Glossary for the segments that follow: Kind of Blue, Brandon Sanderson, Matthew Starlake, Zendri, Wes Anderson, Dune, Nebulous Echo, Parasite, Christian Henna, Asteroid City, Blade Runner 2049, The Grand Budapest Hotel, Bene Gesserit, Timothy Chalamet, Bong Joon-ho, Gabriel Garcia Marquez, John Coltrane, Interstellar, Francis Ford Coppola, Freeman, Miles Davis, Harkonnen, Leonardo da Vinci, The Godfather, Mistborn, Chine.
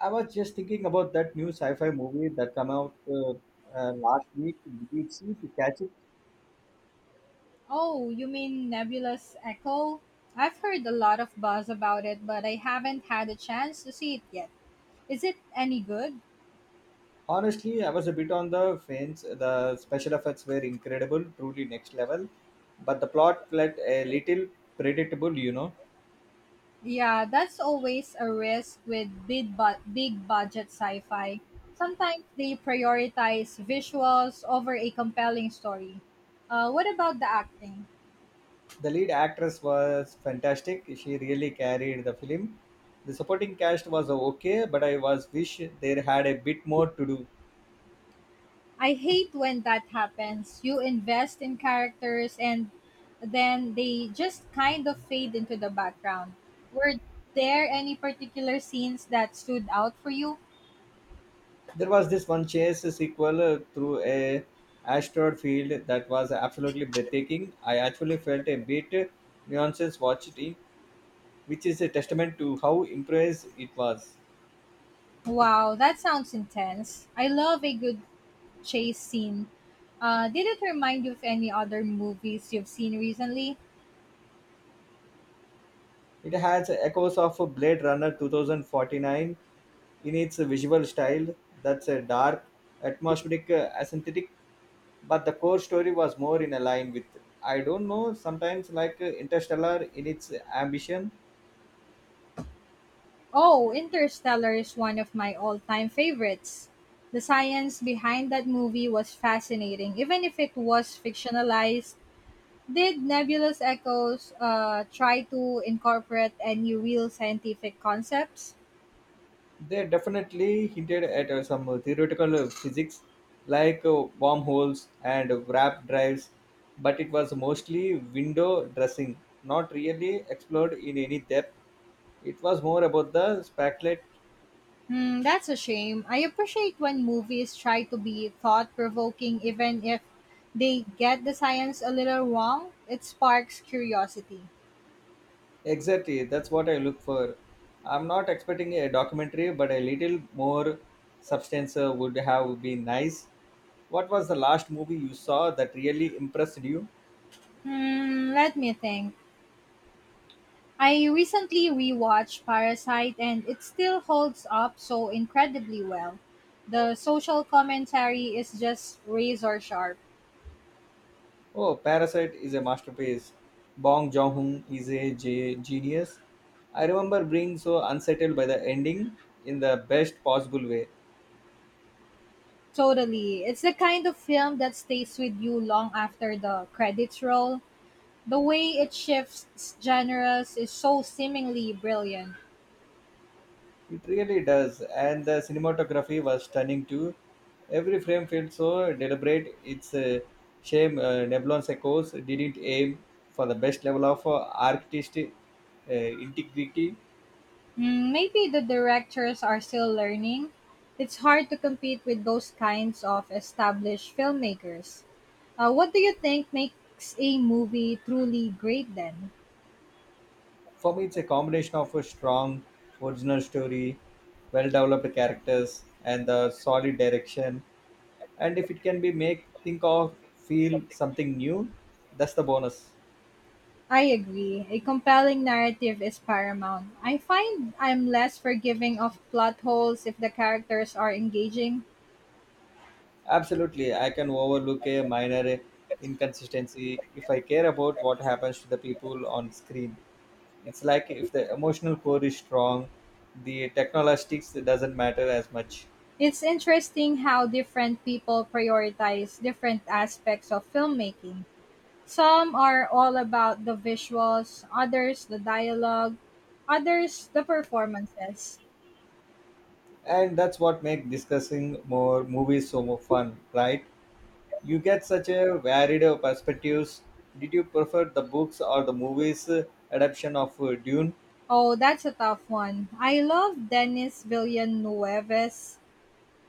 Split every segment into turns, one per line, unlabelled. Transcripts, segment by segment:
I was just thinking about that new sci-fi movie that came out last week. Did you see to catch it?
Oh, you mean Nebulous Echo? I've heard a lot of buzz about it, but I haven't had a chance to see it yet. Is it any good?
Honestly, I was a bit on the fence. The special effects were incredible, truly next level, but the plot felt a little predictable.
Yeah, that's always a risk with big, big budget sci fi. Sometimes they prioritize visuals over a compelling story. What about the acting?
The lead actress was fantastic. She really carried the film. The supporting cast was okay, but I was wish there had a bit more to do.
I hate when that happens. You invest in characters and then they just kind of fade into the background. Were there any particular scenes that stood out for you?
There was this one chase sequel through a asteroid field that was absolutely breathtaking. I actually felt a bit nuances watching, which is a testament to how impressed it was.
Wow, that sounds intense. I love a good chase scene. Did it remind you of any other movies you've seen recently?
It has echoes of Blade Runner 2049 in its visual style. That's a dark, atmospheric, aesthetic, but the core story was more in a line with, I don't know, sometimes like Interstellar in its ambition.
Oh, Interstellar is one of my all time favorites. The science behind that movie was fascinating, even if it was fictionalized. Did Nebulous Echoes try to incorporate any real scientific concepts?
They definitely hinted at some theoretical physics like wormholes and warp drives, but it was mostly window dressing, not really explored in any depth. It was more about the speculate.
Hmm, that's a shame. I appreciate when movies try to be thought provoking, even if they get the science a little wrong. It sparks curiosity.
Exactly, that's what I look for. I'm not expecting a documentary, but a little more substance would have been nice. What was the last movie you saw that really impressed you?
Hmm, let me think. I recently rewatched Parasite and it still holds up so incredibly well. The social commentary is just razor sharp.
Oh, Parasite is a masterpiece. Bong Joon-ho is a genius. I remember being so unsettled by the ending in the best possible way.
Totally. It's the kind of film that stays with you long after the credits roll. The way it shifts genres is so seemingly brilliant.
It really does, and the cinematography was stunning too. Every frame felt so deliberate. It's a shame Neblon Sekos didn't aim for the best level of artistic integrity.
Mm, maybe the directors are still learning. It's hard to compete with those kinds of established filmmakers. What do you think makes a movie truly great then?
For me, it's a combination of a strong original story, well-developed characters, and the solid direction, and if it can be make think of feel something new, that's the bonus.
I agree. A compelling narrative is paramount. I find I'm less forgiving of plot holes if the characters are engaging.
Absolutely, I can overlook a minor inconsistency if I care about what happens to the people on screen. It's like if the emotional core is strong, the technologistics doesn't matter as much.
It's interesting how different people prioritize different aspects of filmmaking. Some are all about the visuals, others the dialogue, others the performances.
And that's what makes discussing more movies so more fun, right? You get such a varied perspectives. Did you prefer the books or the movies adaptation of Dune?
Oh, that's a tough one. I love Denis Villeneuve's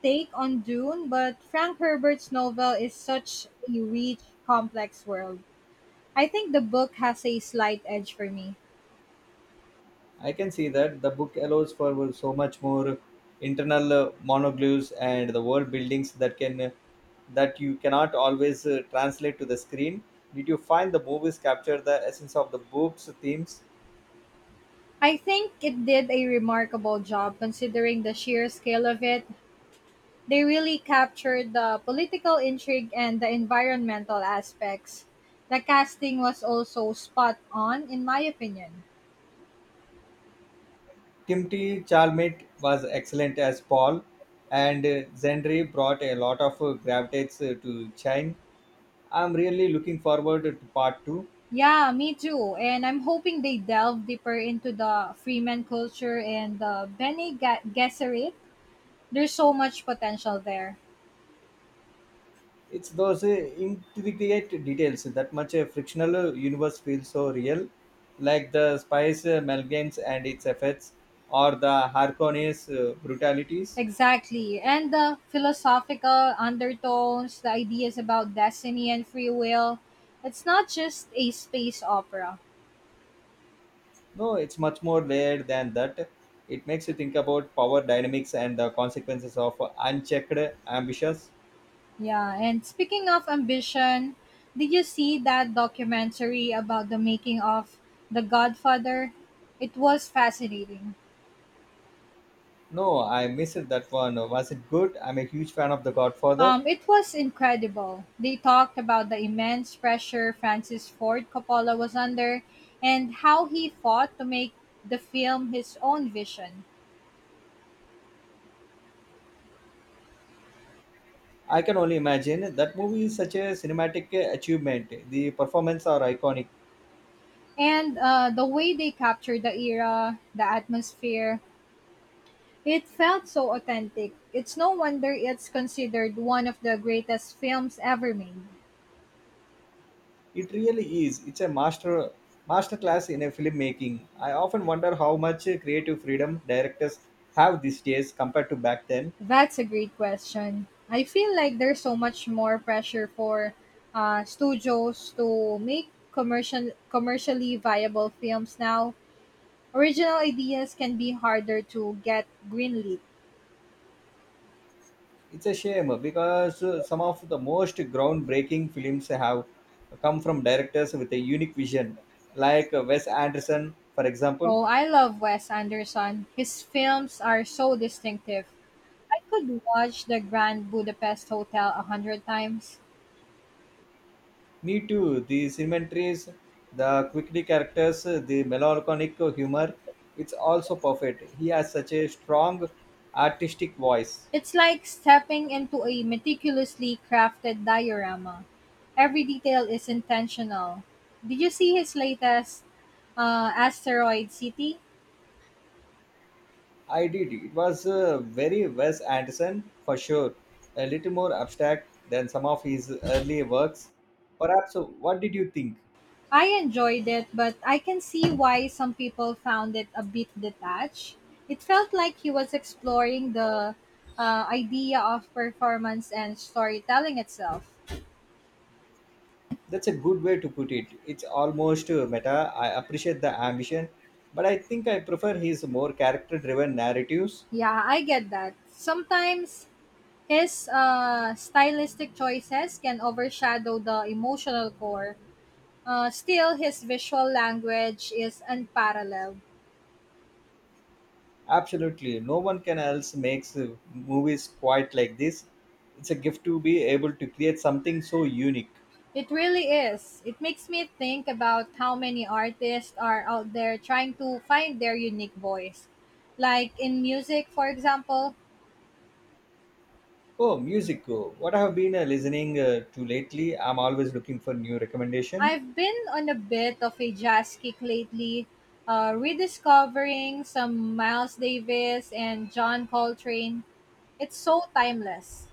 take on Dune, but Frank Herbert's novel is such a rich, complex world. I think the book has a slight edge for me.
I can see that the book allows for so much more internal monoglyphs and the world buildings that can that you cannot always translate to the screen. Did you find the movies capture the essence of the book's themes?
I think it did a remarkable job considering the sheer scale of it. They really captured the political intrigue and the environmental aspects. The casting was also spot on, in my opinion.
Timothy Chalamet was excellent as Paul, and Zendri brought a lot of gravitas to Chine. I'm really looking forward to part two.
Yeah, me too. And I'm hoping they delve deeper into the Freeman culture and the Bene Gesserit. There's so much potential there.
It's those intricate details that much a frictional universe feels so real, like the spice amalgams and its effects, or the Harkonnens brutalities.
Exactly. And the philosophical undertones, the ideas about destiny and free will. It's not just a space opera.
No, it's much more layered than that. It makes you think about power dynamics and the consequences of unchecked ambitions.
Yeah, and speaking of ambition, did you see that documentary about the making of The Godfather? It was fascinating.
No, I missed that one. Was it good? I'm a huge fan of The Godfather.
It was incredible. They talked about the immense pressure Francis Ford Coppola was under and how he fought to make the film his own vision.
I can only imagine that movie is such a cinematic achievement. The performances are iconic.
And the way they captured the era, the atmosphere, it felt so authentic. It's no wonder it's considered one of the greatest films ever made.
It really is. It's a masterclass in a filmmaking. I often wonder how much creative freedom directors have these days compared to back then.
That's a great question. I feel like there's so much more pressure for studios to make commercially viable films now. Original ideas can be harder to get greenlit.
It's a shame because some of the most groundbreaking films have come from directors with a unique vision, like Wes Anderson, for example.
Oh, I love Wes Anderson. His films are so distinctive. I could watch The Grand Budapest Hotel 100 times.
Me too. The cemeteries, the quickly characters, the melancholic humor. It's also perfect. He has such a strong artistic voice.
It's like stepping into a meticulously crafted diorama. Every detail is intentional. Did you see his latest, Asteroid City?
I did. It was very Wes Anderson for sure, a little more abstract than some of his earlier works. Perhaps, what did you think?
I enjoyed it, but I can see why some people found it a bit detached. It felt like he was exploring the idea of performance and storytelling itself.
That's a good way to put it. It's almost meta. I appreciate the ambition, but I think I prefer his more character driven narratives.
Yeah, I get that. Sometimes his stylistic choices can overshadow the emotional core. Still, his visual language is unparalleled.
Absolutely. No one can else makes movies quite like this. It's a gift to be able to create something so unique.
It really is. It makes me think about how many artists are out there trying to find their unique voice. Like in music, for example,
Oh, music. Oh, what I have been listening to lately. I'm always looking for new recommendation.
I've been on a bit of a jazz kick lately, rediscovering some Miles Davis and John Coltrane. It's so timeless.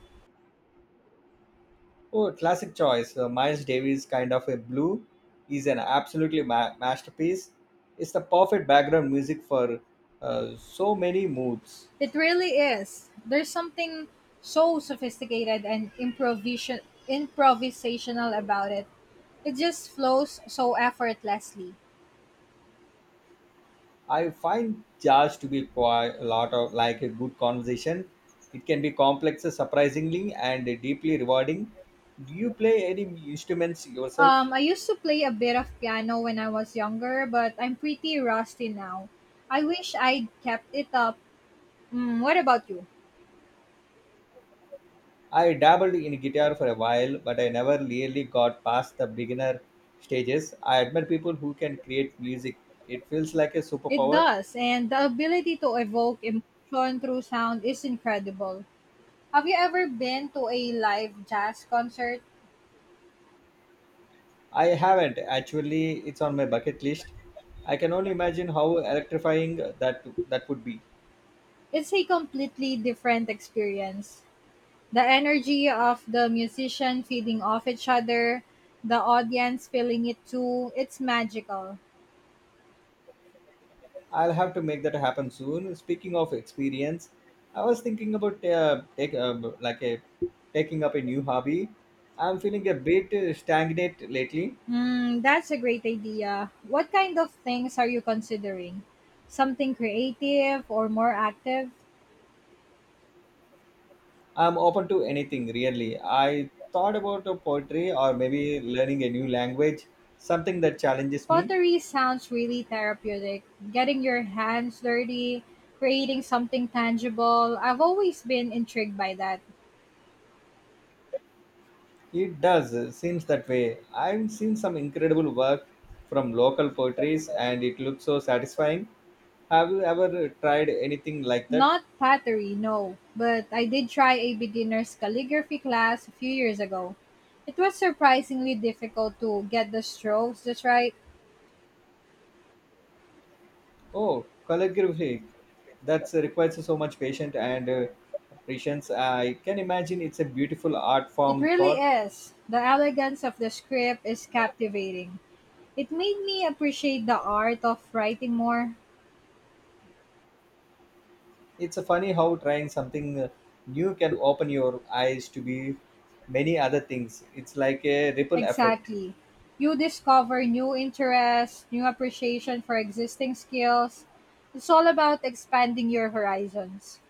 Oh, classic choice. Miles Davis, kind of a blue, is an absolutely masterpiece. It's the perfect background music for so many moods.
It really is. There's something so sophisticated and improvisational about it. It just flows so effortlessly.
I find jazz to be quite a lot of like a good conversation. It can be complex, surprisingly, and deeply rewarding. Do you play any instruments yourself?
I used to play a bit of piano when I was younger, but I'm pretty rusty now. I wish I'd kept it up. Mm, what about you?
I dabbled in guitar for a while, but I never really got past the beginner stages. I admire people who can create music. It feels like a
It
superpower.
does, and the ability to evoke emotion through sound is incredible. Have you ever been to a live jazz concert?
I haven't actually. It's on my bucket list. I can only imagine how electrifying that would be.
It's a completely different experience. The energy of the musician feeding off each other, the audience feeling it too, it's magical.
I'll have to make that happen soon. Speaking of experience, I was thinking about take like a taking up a new hobby. I'm feeling a bit stagnant lately.
Mm, that's a great idea. What kind of things are you considering? Something creative or more active?
I'm open to anything, really. I thought about poetry or maybe learning a new language, something that challenges me.
Pottery sounds really therapeutic. Getting your hands dirty, creating something tangible. I've always been intrigued by that.
It does, seems that way. I've seen some incredible work from local poetries and it looks so satisfying. Have you ever tried anything like that?
Not pottery, no, but I did try a beginner's calligraphy class a few years ago. It was surprisingly difficult to get the strokes just right.
Oh, calligraphy. That requires so much patience and patience. I can imagine it's a beautiful art
It
form
really
thought.
is. The elegance of the script is captivating. It made me appreciate the art of writing more.
It's a funny how trying something new can open your eyes to be many other things. It's like a ripple effect.
Exactly. You discover new interests, new appreciation for existing skills. It's all about expanding your horizons.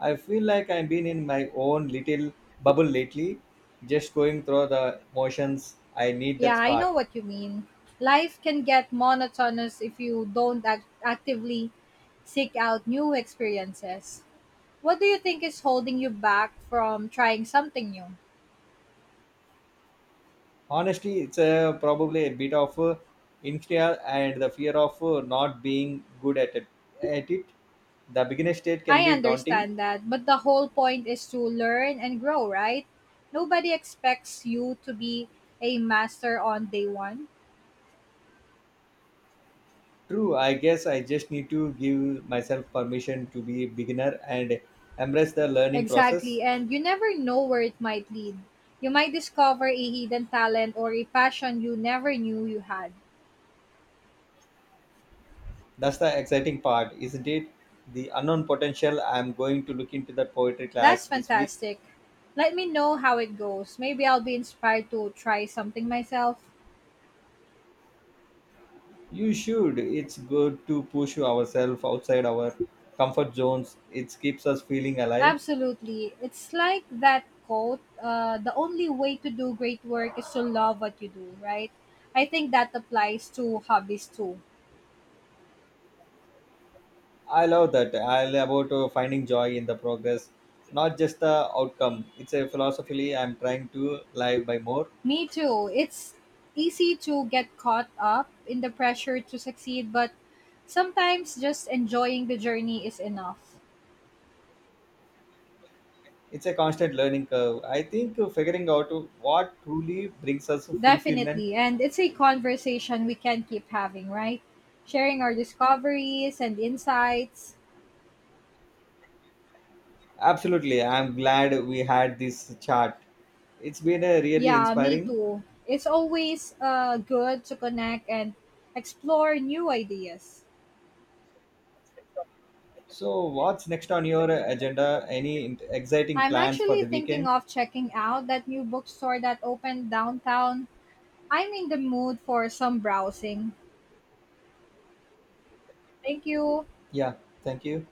I feel like I've been in my own little bubble lately, just going through the motions. I need that
Yeah, I know
spark.
what you mean. Life can get monotonous if you don't actively seek out new experiences. What do you think is holding you back from trying something new?
Honestly, probably a bit of insecurity and the fear of not being good at it. At it, the beginner state can
I
be daunting.
understand that, but the whole point is to learn and grow, right? Nobody expects you to be a master on day 1.
True, I guess I just need to give myself permission to be a beginner and embrace the learning process.
Exactly, and you never know where it might lead. You might discover a hidden talent or a passion you never knew you had.
That's the exciting part, isn't it? The unknown potential. I'm going to look into that poetry class
That's
this week.
fantastic. Let me know how it goes. Maybe I'll be inspired to try something myself.
You should. It's good to push ourselves outside our comfort zones. It keeps us feeling alive.
Absolutely. It's like that quote, the only way to do great work is to love what you do, right? I think that applies to hobbies too.
I love that. I love about finding joy in the progress, not just the outcome. It's a philosophy I'm trying to live by more.
Me too. It's easy to get caught up in the pressure to succeed, but sometimes just enjoying the journey is enough.
It's a constant learning curve. I think figuring out what truly brings us fulfillment.
Definitely. And it's a conversation we can keep having, right? Sharing our discoveries and insights.
Absolutely. I'm glad we had this chat. It's been a really
Yeah, me
inspiring.
too. It's always good to connect and explore new ideas.
So, what's next on your agenda? Any exciting
I'm
plans for
actually
the
thinking
weekend?
of checking out that new bookstore that opened downtown. I'm in the mood for some browsing. Thank you.
Yeah, thank you.